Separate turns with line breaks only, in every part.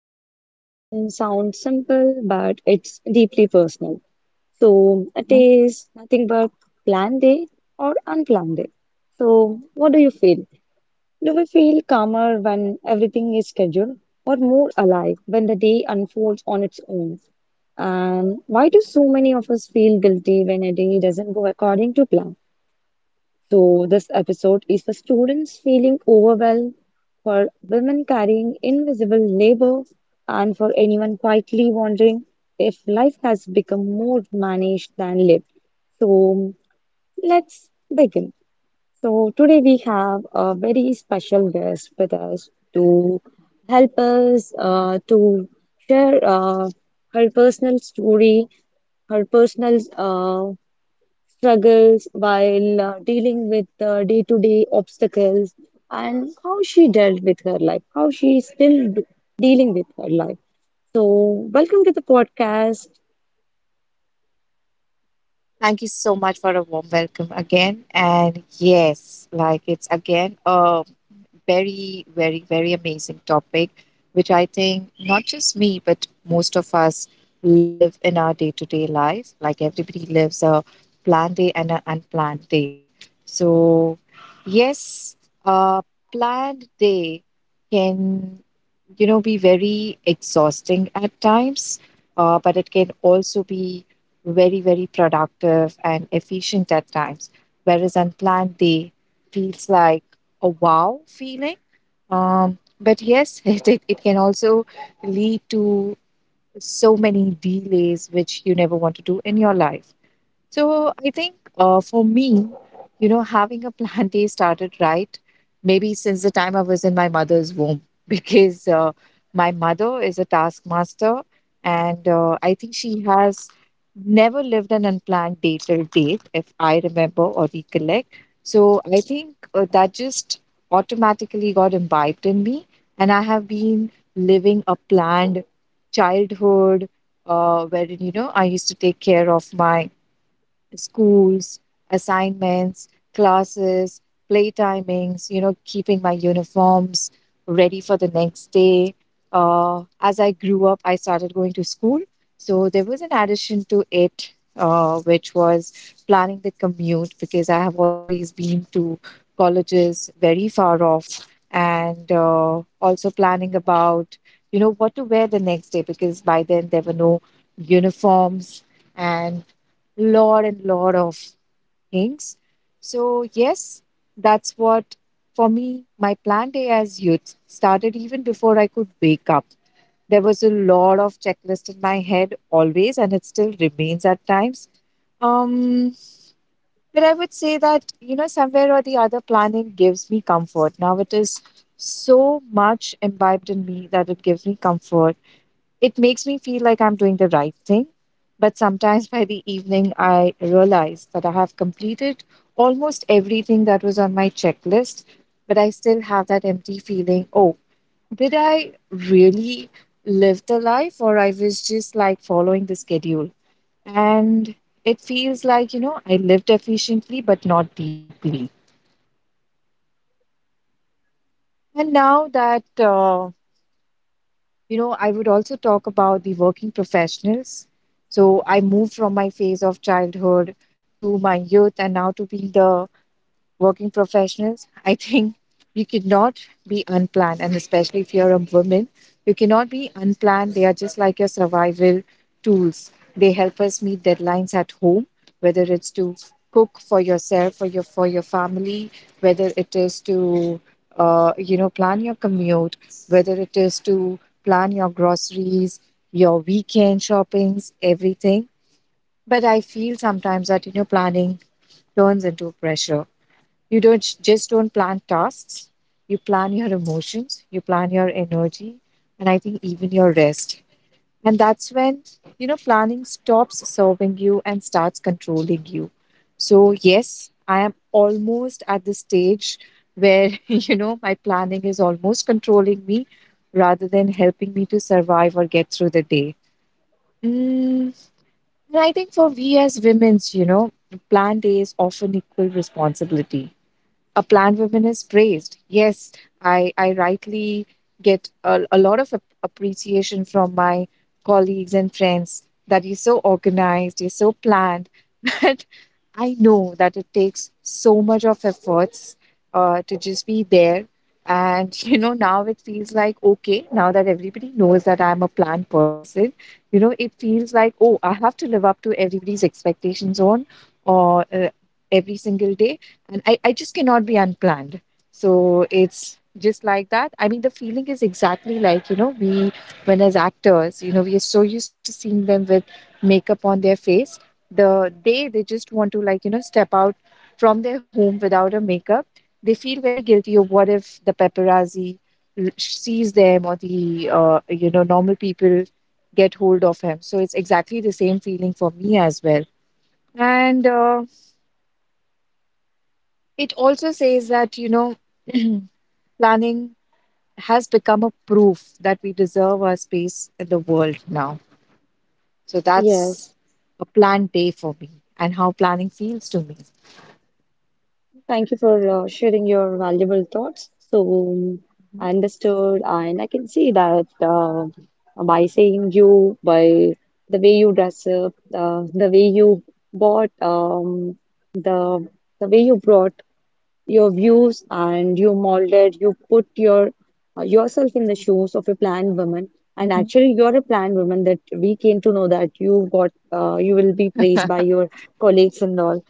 Today's conversation sounds simple, but it's deeply personal. So, a
Mhm.
day is nothing but planned day or unplanned day. So, what do you feel? Do we feel calmer when everything is scheduled, or more alive when the day unfolds on its own? And why do so many of us feel guilty when a day doesn't go according to plan? So, this episode is for students feeling overwhelmed, for women carrying invisible labor, and for anyone quietly wondering if life has become more managed than lived. So, let's begin. So, today we have a very special guest with us to help us to share her personal story, her personal struggles while dealing with day-to-day obstacles, and how she dealt with her life, how she is still dealing with her life. So, welcome to the podcast.
Thank you so much for a warm welcome again. And yes, like it's again a very, very, very amazing topic, which I think not just me, but most of us live in our day to day life. Like everybody lives a planned day and an unplanned day. So, yes, a planned day can, you know, be very exhausting at times, but it can also be very, very productive and efficient at times, whereas unplanned day feels like a wow feeling. But yes, it can also lead to so many delays which you never want to do in your life. So I think, for me, you know, having a plant day started right maybe since the time I was in my mother's womb, because my mother is a taskmaster, and I think she has never lived an unplanned day till date, if I remember or recollect. So I think that just automatically got imbibed in me, and I have been living a planned childhood, wherein, you know, I used to take care of my schools, assignments, classes, play timings, you know, keeping my uniforms ready for the next day. As I grew up, I started going to school. So there was an addition to it, which was planning the commute because I have always been to colleges very far off, and also planning about, you know, what to wear the next day because by then there were no uniforms and and lot of things. So, yes, that's what, for me, my plan day as youth started even before I could wake up. There was a lot of checklist in my head always, and it still remains at times. Um, but I would say that, you know, somewhere or the other, planning gives me comfort. Now it is so much imbibed in me that it gives me comfort, it makes me feel like I'm doing the right thing, but sometimes by the evening, I realize that I have completed almost everything that was on my checklist, but I still have that empty feeling. Oh, did I really live the life, or I was just like following the schedule? And it feels like, you know, I lived efficiently but not deeply. And now that, uh, you know, I would also talk about the working professionals. So I moved from my phase of childhood to my youth and now to being the working professionals, I think you could not be unplanned. And especially if you're a woman, you cannot be unplanned. They are just like your survival tools. They help us meet deadlines at home, whether it's to cook for yourself or your for your family, whether it is to, you know, plan your commute, whether it is to plan your groceries, your weekend shoppings, everything. But I feel sometimes that, you know, planning turns into pressure. You don't just don't plan tasks. You plan your emotions, you plan your energy, and I think even your rest. And that's when, you know, planning stops serving you and starts controlling you. So, yes, I am almost at the stage where, you know, my planning is almost controlling me rather than helping me to survive or get through the day. Mm, and I think for we as women's, you know, plan days often equal responsibility. A plant woman is praised. Yes, I rightly get a, lot of appreciation from my colleagues and friends that you're so organized, you're so planned. But I know that it takes so much of efforts to just be there. And, you know, now it feels like, okay, now that everybody knows that I'm a planned person, you know, it feels like, oh, I have to live up to everybody's expectations on or every single day, and I just cannot be unplanned. So it's just like that. I mean, the feeling is exactly like, you know, we, when as actors, you know, we are so used to seeing them with makeup on their face. The day they just want to, like, you know, step out from their home without a makeup, they feel very guilty of what if the paparazzi sees them or the, you know, normal people get hold of him. So it's exactly the same feeling for me as well. And, it also says that, you know, planning has become a proof that we deserve our space in the world now. So
Yes,
that's a planned day for me and how planning feels to me.
thank you for sharing your valuable thoughts. So,
Mhm,
I understood, and I can see that, by saying you, by the way you dress up, the way you bought, the way you brought your views and you molded, you put your yourself in the shoes of a planned woman, and
mhm,
actually you're a planned
mhm.
woman, that we came to know that you got you will be praised by your colleagues and all.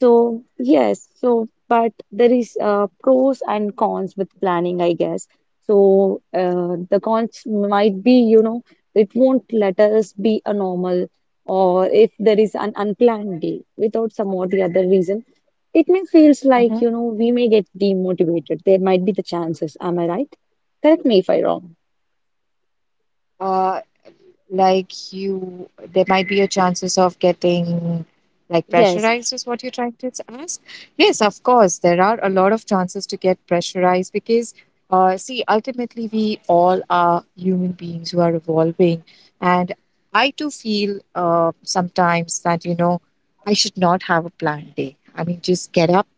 So, yes, so but there is pros and cons with planning, I guess. So, the cons might be, you know, it won't let us be a normal, or if there is an unplanned day without some or the other reason, it may feels like,
Mhm.
you know, we may get demotivated. There might be the chances. Am I right? Correct me if I wrong.
Uh, like, you there might be a chances of getting like
Yes.
pressurized is what you're trying to ask. Yes, of course there are a lot of chances to get pressurized because, see, ultimately we all are human beings who are evolving, and I too feel, sometimes that, you know, I should not have a planned day. I mean, just get up,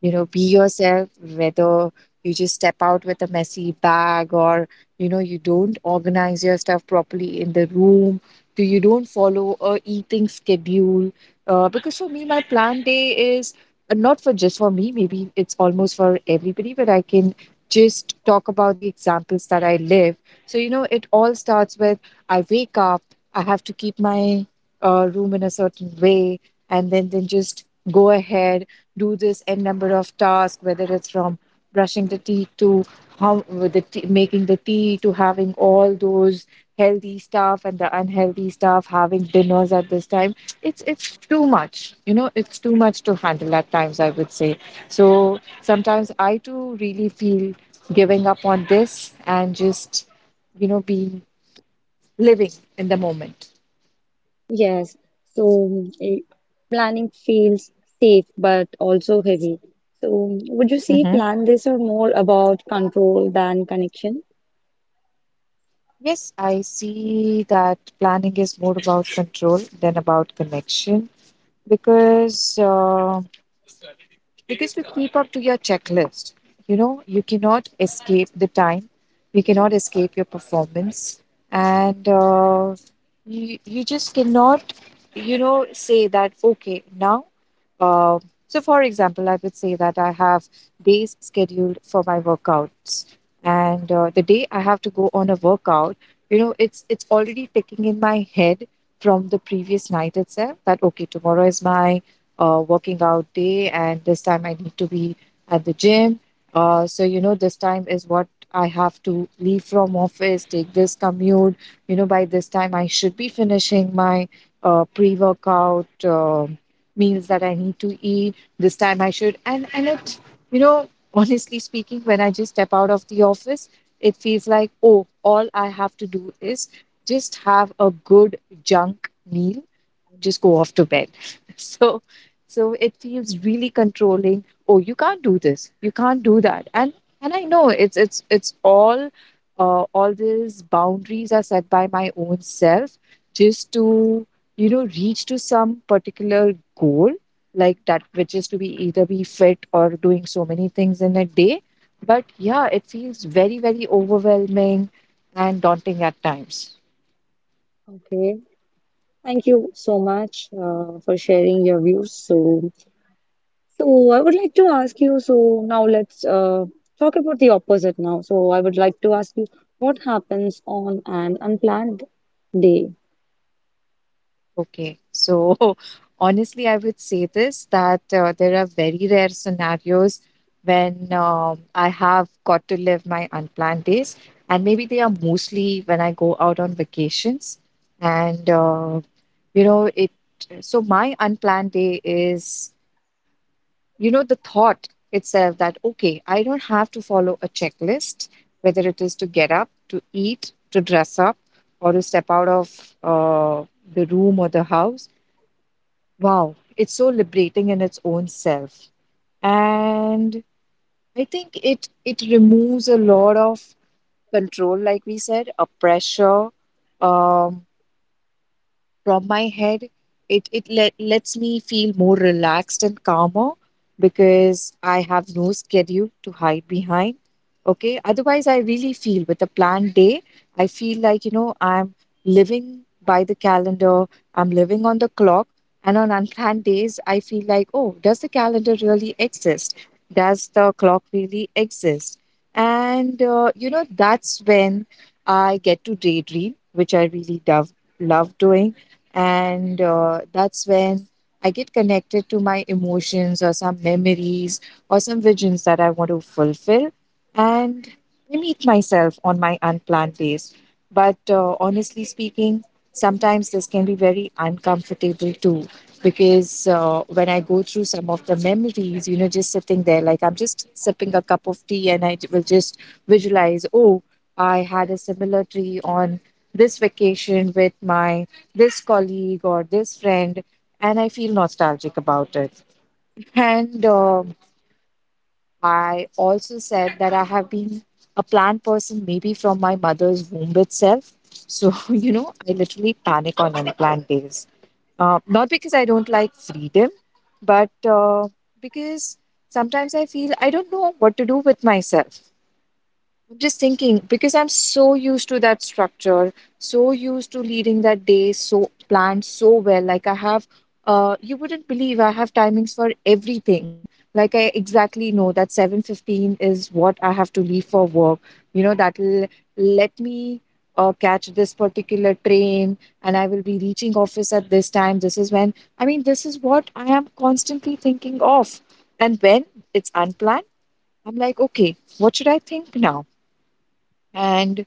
you know, be yourself, whether you just step out with a messy bag or, you know, you don't organize your stuff properly in the room, do you don't follow a eating schedule. Uh, because for me my plan day is, not for just for me, maybe it's almost for everybody, but I can just talk about the examples that I live. So, you know, it all starts with I wake up, I have to keep my, room in a certain way, and then just go ahead, do this n number of tasks, whether it's from brushing the teeth to how with the tea, making the tea, to having all those healthy stuff and the unhealthy stuff, having dinners at this time. It's too much, you know. It's too much to handle at times, I would say. So, sometimes I too really feel giving up on this and just, you know, being living in the moment.
Yes, so planning feels safe but also heavy. So, would you say
Mhm.
plan this or more about control than connection?
Yes, I see that planning is more about control than about connection. Because because you keep up to your checklist, you know, you cannot escape the time, you cannot escape your performance, and, you just cannot, you know, say that okay now, uh, so for example, I would say that I have days scheduled for my workouts, and the day I have to go on a workout, you know, it's already ticking in my head from the previous night itself that okay, tomorrow is my, working out day, and this time I need to be at the gym. So you know, this time is what I have to leave from office, take this commute. You know, by this time I should be finishing my, pre-workout, meals that I need to eat. This time I should, and it, you know, honestly speaking, when I just step out of the office, it feels like, oh, all I have to do is just have a good junk meal, just go off to bed. So, so it feels really controlling. Oh, you can't do this. You can't do that. And I know it's all, these boundaries are set by my own self just to, you know, reach to some particular goal like that, which is to be either be fit or doing so many things in a day, but yeah, it feels very, very overwhelming and daunting at times.
Okay, thank you so much for sharing your views. So, so I would like to ask you. So now let's talk about the opposite now. So I would like to ask you, what happens on an unplanned day?
Okay. So, honestly, I would say this that, there are very rare scenarios when, I have got to live my unplanned days. And maybe they are mostly when I go out on vacations. And, you know, it, so my unplanned day is, you know, the thought itself that, okay, I don't have to follow a checklist, whether it is to get up, to eat, to dress up, or to step out of, the room or the house. Wow, it's so liberating in its own self. And I think it removes a lot of control, like we said, a pressure, um, from my head. It lets me feel more relaxed and calmer because I have no schedule to hide behind. Okay, otherwise I really feel with a planned day, I feel like, you know, I'm living by the calendar, I'm living on the clock, and on unplanned days I feel like, oh, does the calendar really exist? Does the clock really exist? And, you know, that's when I get to daydream, which I really love doing, and that's when I get connected to my emotions or some memories or some visions that I want to fulfill. And I meet myself on my unplanned days. But, honestly speaking, sometimes this can be very uncomfortable too. Because when I go through some of the memories, you know, just sitting there, like I'm just sipping a cup of tea and I will just visualize, oh, I had a similar tree on this vacation with my this colleague or this friend, and I feel nostalgic about it. And I also said that I have been a plant person maybe from my mother's womb itself. So, you know, I literally panic on unplanned days. Not because I don't like freedom, but because sometimes I feel I don't know what to do with myself just thinking because I'm so used to that structure, so used to leading that day so planned so well. You wouldn't believe I have timings for everything. Like I exactly know that 7:15 is what I have to leave for work. You know that'll let me catch this particular train, and I will be reaching office at this time. This is what I am constantly thinking of, and when it's unplanned, I'm like, okay, what should I think now? And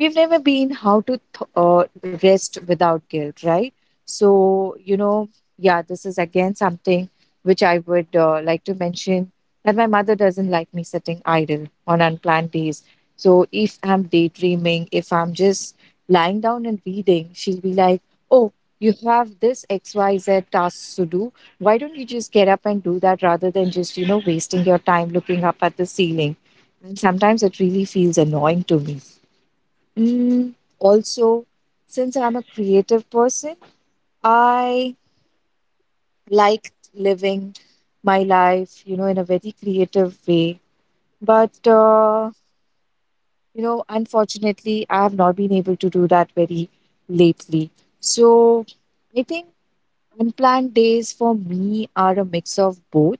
we've never been rest without guilt, right? So, you know, yeah, this is again something which I would like to mention that my mother doesn't like me sitting idle on unplanned days. So if I'm daydreaming, if I'm just lying down and reading, she'll be like, oh, you have this xyz tasks to do. Why don't you just get up and do that rather than just, you know, wasting your time looking up at the ceiling? And sometimes it really feels annoying to me. Mm, Also, since I'm a creative person, I like living my life, you know, in a very creative way. But you know, unfortunately, I have not been able to do that very lately. So I think unplanned days for me are a mix of both.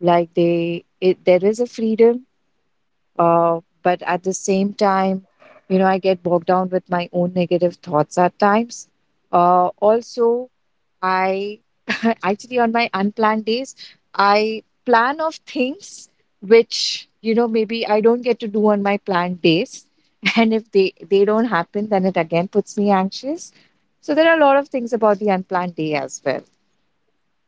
There is a freedom. But at the same time, you know, I get bogged down with my own negative thoughts at times. Also, I actually on my unplanned days, I plan of things which, you know, maybe I don't get to do on my planned days. And if they don't happen, then it again puts me anxious. So there are a lot of things about the unplanned day as well.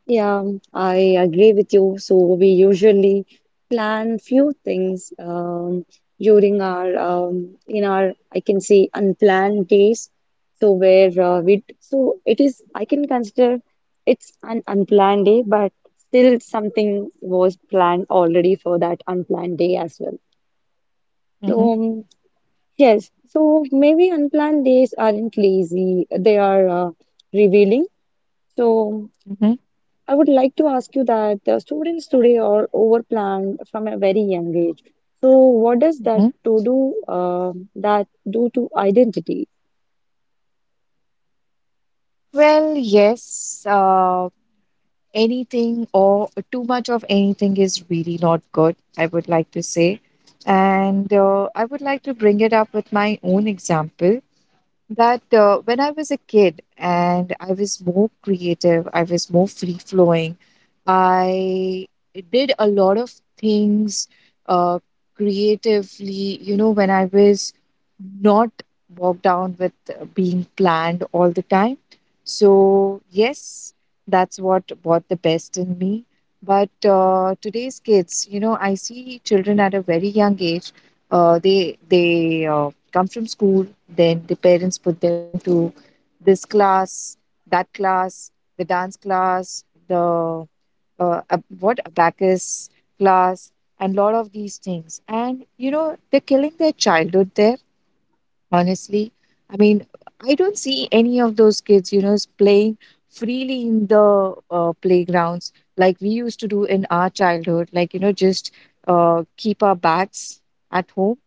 Yeah, I agree with you. So we usually plan few things, during our in our, I can say, unplanned days. So where, we, so it is, I can consider it's an unplanned day, but still something was planned already for that unplanned day as well. So,
Hmm.
yes, so maybe unplanned days aren't lazy; they are revealing. So.
Hmm.
I would like to ask you that students today are overplanned from a very young age. So, what does that
Hmm.
to do? Uh, that do to identity?
Well, yes. Anything or too much of anything is really not good, I would like to say. And I would like to bring it up with my own example that when I was a kid and I was more creative, I was more free flowing, I did a lot of things uh, creatively, you know, when I was not bogged down with being planned all the time. So, yes, that's what brought the best in me. But today's kids, you know, I see children at a very young age. They come from school, then the parents put them to this class, that class, the dance class, the ab- what abacus class, and lot of these things. And you know, they're killing their childhood there. Honestly, I mean, I don't see any of those kids, you know, is playing freely in the playgrounds like we used to do in our childhood. Like you know, just keep our bags at home,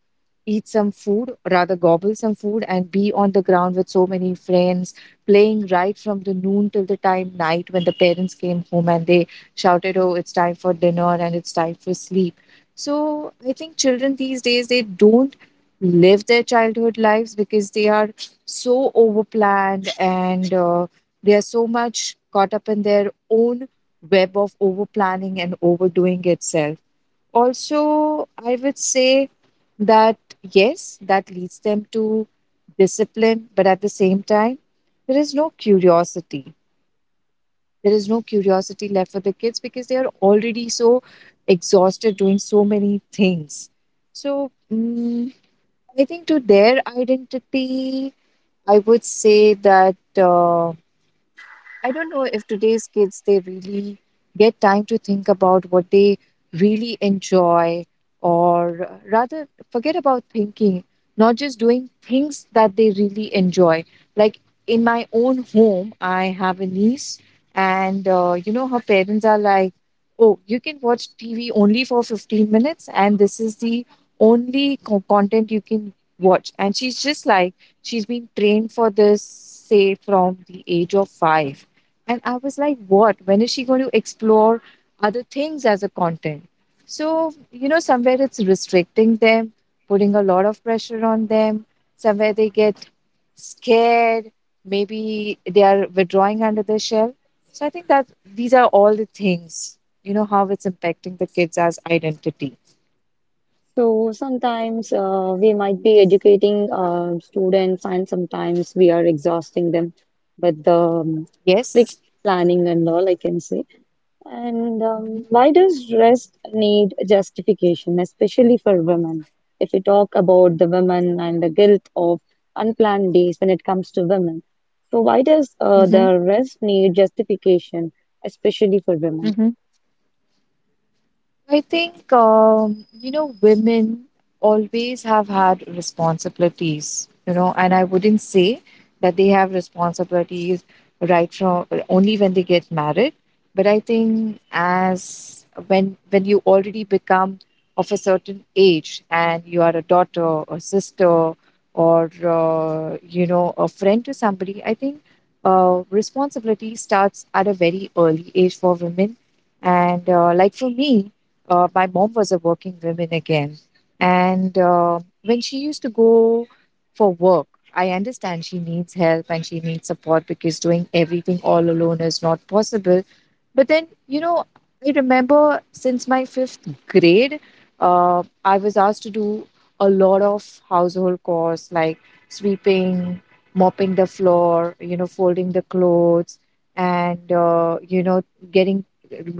eat some food, rather gobble some food, and be on the ground with so many friends, playing right from the noon till the time night when the parents came home and they shouted, oh, it's time for dinner and it's time for sleep. So I think children these days they don't live their childhood lives because they are so overplanned and they are so much caught up in their own web of overplanning and overdoing itself. Also, I would say that yes, that leads them to discipline, but at the same time, there is no curiosity. There is no curiosity left for the kids because they are already so exhausted doing so many things. So, I think to their identity, I would say that. I don't know if today's kids they really get time to think about what they really enjoy, or rather forget about thinking, not just doing things that they really enjoy. Like in my own home I have a niece, and you know, her parents are like, oh, you can watch TV only for 15 minutes, and this is the content you can watch. And she's just like, she's been trained for this, say, from the age of 5. And I was like, what? When is she going to explore other things as a content? So, you know, somewhere it's restricting them, putting a lot of pressure on them. Somewhere they get scared. Maybe they are withdrawing under their shell. So I think that these are all the things, you know, how it's impacting the kids as identity.
So sometimes we might be educating students, and sometimes we are exhausting them with the strict
Yes.
planning and all, I can say. And why does rest need justification, especially for women? If we talk about the women and the guilt of unplanned days when it comes to women, so why does
Mm-hmm.
the rest need justification, especially for women?
Mm-hmm. I think, you know, women always have had responsibilities, you know, and I wouldn't say that they have responsibilities right from only when they get married. But I think as when you already become of a certain age and you are a daughter, a sister, or you know, a friend to somebody, I think responsibility starts at a very early age for women. And like for me, my mom was a working woman again. And when she used to go for work, I understand she needs help and she needs support because doing everything all alone is not possible. But then, you know, I remember since my fifth grade, I was asked to do a lot of household chores like sweeping, mopping the floor, you know, folding the clothes, and, you know, getting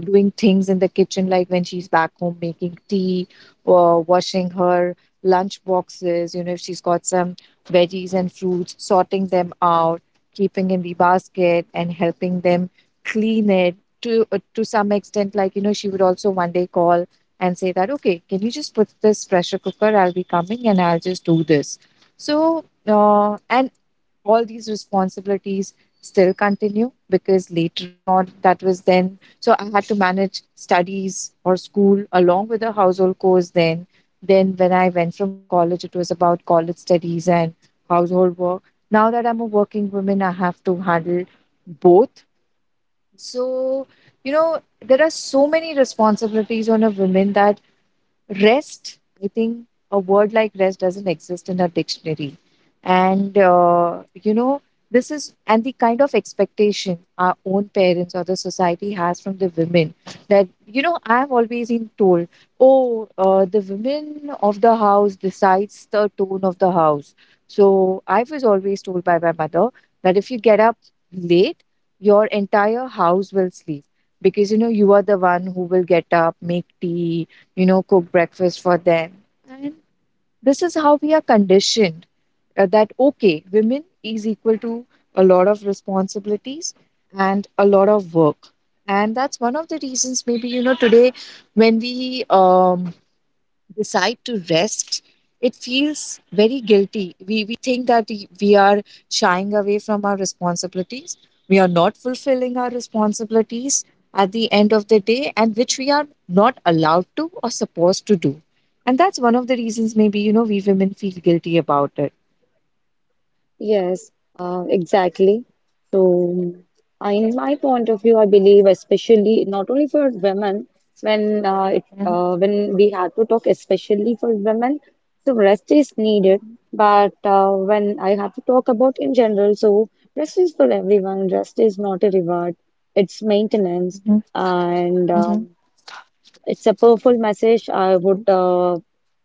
doing things in the kitchen, like when she's back home making tea or washing her lunch boxes, you know, if she's got some veggies and fruits, sorting them out, keeping in the basket and helping them clean it, to some extent. Like you know, she would also one day call and say that, okay, can you just put this pressure cooker, I'll be coming and I'll just do this. So and all these responsibilities still continue, because later on that was then, so I had to manage studies or school along with a household chores. Then when I went from college, it was about college studies and household work. Now that I'm a working woman, I have to handle both. So, you know, there are so many responsibilities on a woman that rest, I think a word like rest doesn't exist in our dictionary. And, you know, this is, and the kind of expectation our own parents or the society has from the women that, you know, I've always been told, oh, the women of the house decides the tone of the house. So I was always told by my mother that if you get up late, your entire house will sleep, because you know, you are the one who will get up, make tea, you know, cook breakfast for them. And this is how we are conditioned, that, okay, women is equal to a lot of responsibilities and a lot of work. And that's one of the reasons, maybe, you know, today when we decide to rest, it feels very guilty. We think that we are shying away from our responsibilities. We are not fulfilling our responsibilities at the end of the day, and which we are not allowed to or supposed to do. And that's one of the reasons, maybe, you know, we women feel guilty about it.
Yes, exactly. So, in my point of view, I believe, especially not only for women, when
Mhm.
when we have to talk, especially for women, so rest is needed. But when I have to talk about in general, so rest is for everyone. Rest is not a reward; it's maintenance,
Mhm.
and
Mhm.
it's a powerful message. I would,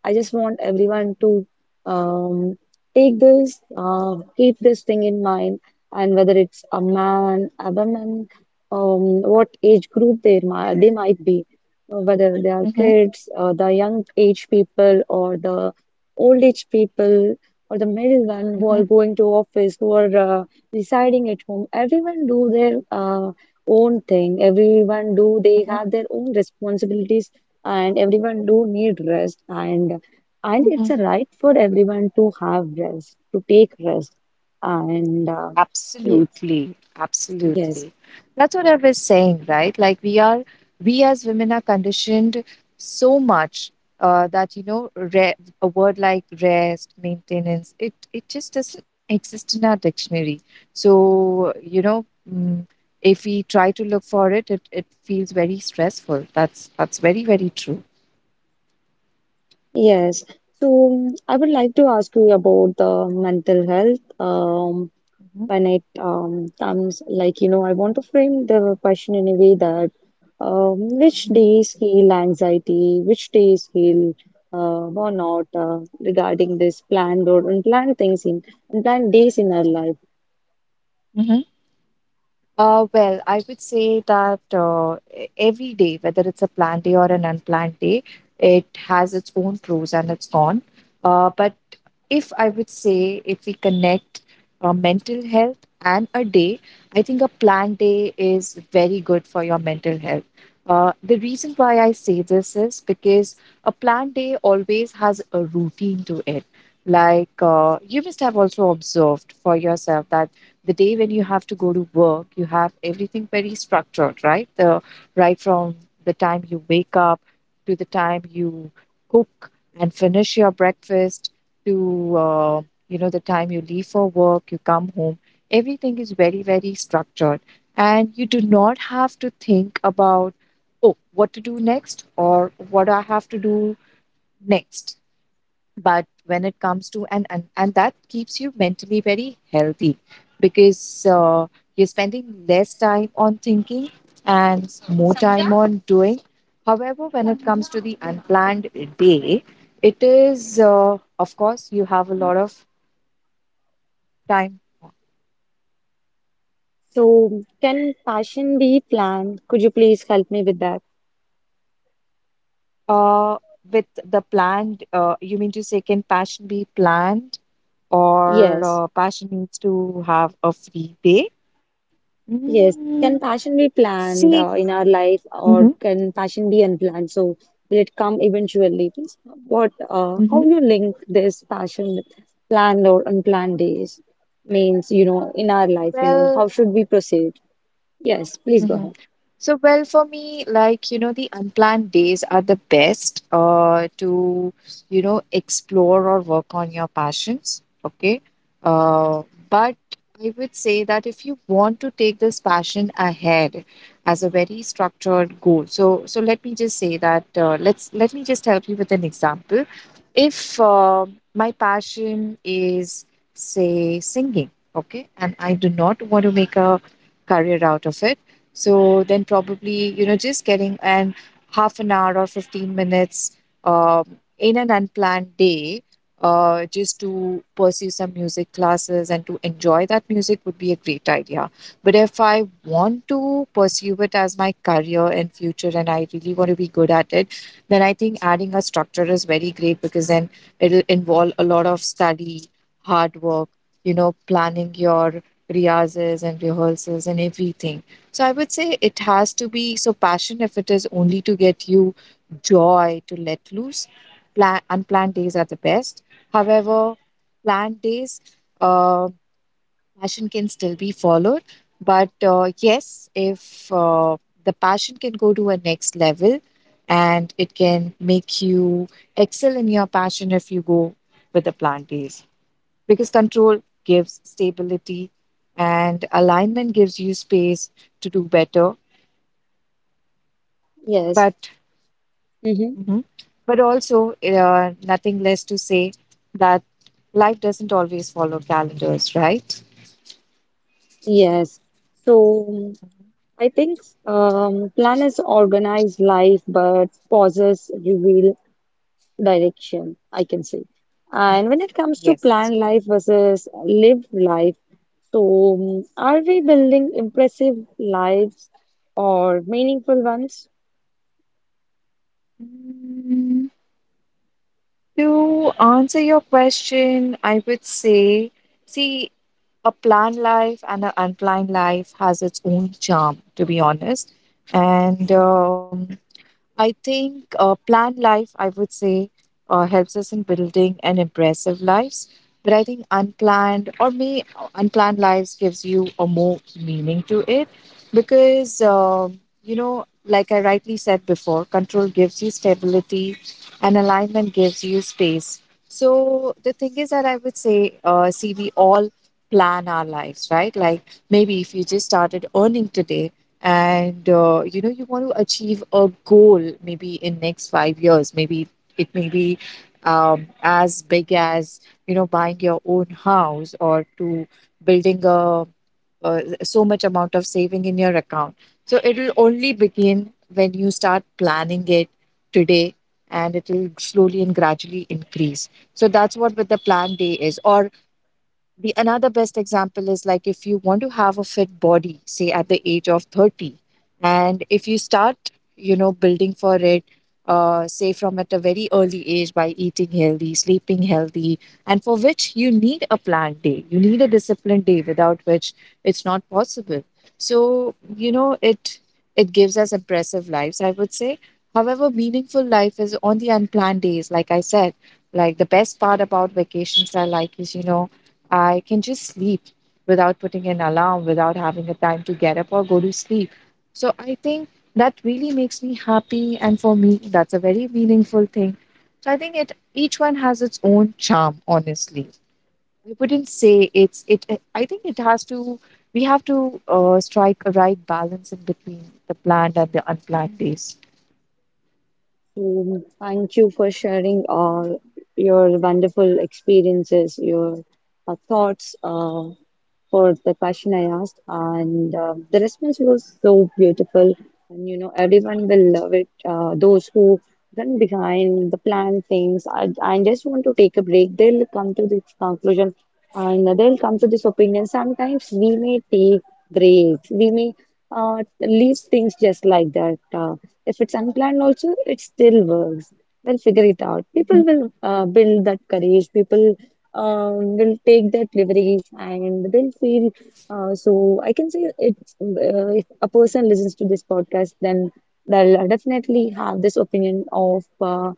I just want everyone to, um, take this, keep this thing in mind, and whether it's a man, a woman, what age group they might be, whether they are
Mhm.
kids, the young age people, or the old age people, or the middle one
Mhm.
who are
Mhm.
going to office, who are residing at home. Everyone do their own thing. Everyone do they
Mhm.
have their own responsibilities, and everyone do need rest, and it's
Mhm.
a right for everyone to have rest, to take rest. And uh, ye-
Absolutely,
yes,
absolutely. That's what I was saying, right? We as women are conditioned so much, that you know, re a word like rest, maintenance, it just doesn't exist in our dictionary. So you know, mm, if we try to look for it, it feels very stressful. That's very very true.
yes. So, I would like to ask you about the mental health.
Mhm.
When it comes, like you know, I want to frame the question in a way that, which
Mhm.
days heal anxiety, which days heal burnout, regarding this planned or unplanned things in unplanned days in our life.
Mhm. Well, I would say that every day, whether it's a planned day or an unplanned day, it has its own pros and its con. But if I would say, if we connect mental health and a day, I think a planned day is very good for your mental health. The reason why I say this is because a planned day always has a routine to it. Like you must have also observed for yourself that the day when you have to go to work, you have everything very structured, right? The Right from the time you wake up to the time you cook and finish your breakfast to you know, the time you leave for work, you come home. Everything is very very structured, and you do not have to think about, oh, what to do next or what I have to do next. But when it comes to and That keeps you mentally very healthy because you're spending less time on thinking and more time on doing. However, when it comes to the unplanned day, it is, of course, you have a lot of time.
So, can passion be planned? Could you please help me with that?
uh, with the planned, you mean to say can passion be planned, or
Yes,
passion needs to have a free day?
yes.
Mm,
Can passion be
see.
planned in our life,
Hmm.
or can passion be unplanned? So, will it come eventually? Please, what, how
Hmm.
you link this passion with planned or unplanned days? Means, you know, in our life, you know, how
Well.
should we proceed? Yes, please go
Mhm.
ahead.
So, well, for me, like, you know, the unplanned days are the best to, you know, explore or work on your passions. Okay. Uh, but I would say that if you want to take this passion ahead as a very structured goal, so let me just say that, let me just help you with an example. If my passion is, say, singing, okay, and I do not want to make a career out of it, so then probably, you know, just getting an half an hour or 15 minutes in an unplanned day, just to pursue some music classes and to enjoy that music would be a great idea. But if I want to pursue it as my career in future and I really want to be good at it, then I think adding a structure is very great, because then it'll involve a lot of study, hard work, you know, planning your riyazes and rehearsals and everything. So I would say it has to be, so passion, if it is only to get you joy, to let loose, plan, unplanned days are the best. However, planned days, uh, passion can still be followed. But yes, if the passion can go to a next level and it can make you excel in your passion if you go with the planned days. Because control gives stability and alignment gives you space to do better.
Yes.
But
hmm
mhm. But also, nothing less to say that life doesn't always follow calendars, right?
Yes. So I think, planners organize life, but pauses reveal direction, I can say. And when it comes to
Yes.
planned life versus lived life, so, are we building impressive lives or meaningful ones?
Mm, to answer your question, I would say, see, a planned life and an unplanned life has its own charm, to be honest. And I think, planned life, I would say, helps us in building an impressive lives. But I think unplanned, or may, unplanned lives gives you a more meaning to it, because you know, like I rightly said before, control gives you stability, and alignment gives you space. So the thing is that I would say, see, we all plan our lives, right? Like, maybe if you just started earning today, and you know, you want to achieve a goal maybe in next 5 years. Maybe it may be as big as, you know, buying your own house, or to building a, so much amount of saving in your account. So it will only begin when you start planning it today, and it will slowly and gradually increase. So that's what with the plan day is. Or the another best example is, like, if you want to have a fit body, say at the age of 30, and if you start, you know, building for it, say from at a very early age, by eating healthy, sleeping healthy, and for which you need a planned day, you need a disciplined day, without which it's not possible. So, you know, it gives us impressive lives, I would say. However, meaningful life is on the unplanned days, like I said. Like, the best part about vacations I like is, you know, I can just sleep without putting an alarm, without having a time to get up or go to sleep. So I think that really makes me happy. And for me, that's a very meaningful thing. So I think it each one has its own charm, honestly. We wouldn't say it's it I think it has to we have to strike a right balance in between the planned and the unplanned days.
So thank you for sharing all your wonderful experiences, your thoughts. For the question I asked, and the response was so beautiful. And you know, everyone will love it. Those who run behind the plan things, and just want to take a break, they'll come to this conclusion, and they'll come to this opinion. Sometimes we may take breaks, we may leave things just like that. If it's unplanned, also, it still works. We'll figure it out. People
Mhm,
will build that courage. People, will take that leverage and they'll feel. So I can say it's, if a person listens to this podcast, then they'll definitely have this opinion of, uh,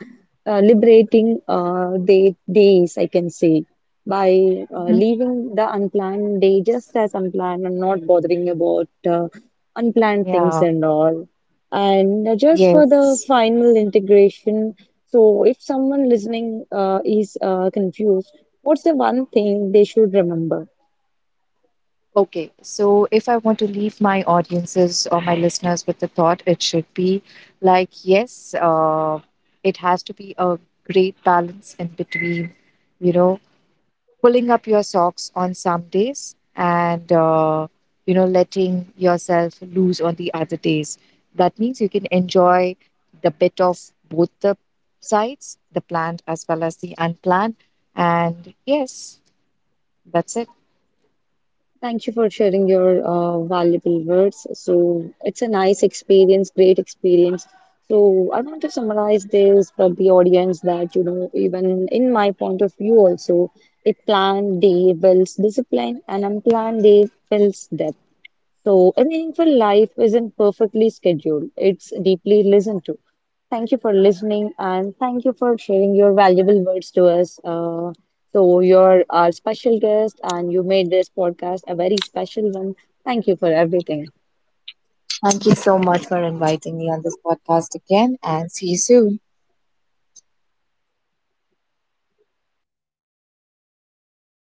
uh, liberating their days, I can say, by
mhm.
leaving the unplanned day just as unplanned and not bothering about unplanned things
Yeah.
and all. And just for the
Yes.
final integration, so if someone listening is confused, what's the one thing they should remember?
Okay, so if I want to leave my audiences or my listeners with the thought, it should be like, yes, it has to be a great balance in between, you know, pulling up your socks on some days, and, you know, letting yourself loose on the other days. That means you can enjoy the bit of both the sides, the planned as well as the unplanned. And yes, that's it.
Thank you for sharing your valuable words. So it's a nice experience, great experience. So I want to summarize this for the audience that, you know, even in my point of view also, a planned day builds discipline, an unplanned day builds depth. So, a meaningful life isn't perfectly scheduled, it's deeply listened to. Thank you for listening and thank you for sharing your valuable words to us. So, you're our special guest and you made this podcast a very special one. Thank you for everything.
Thank you so much for inviting me on this podcast again, and see you soon.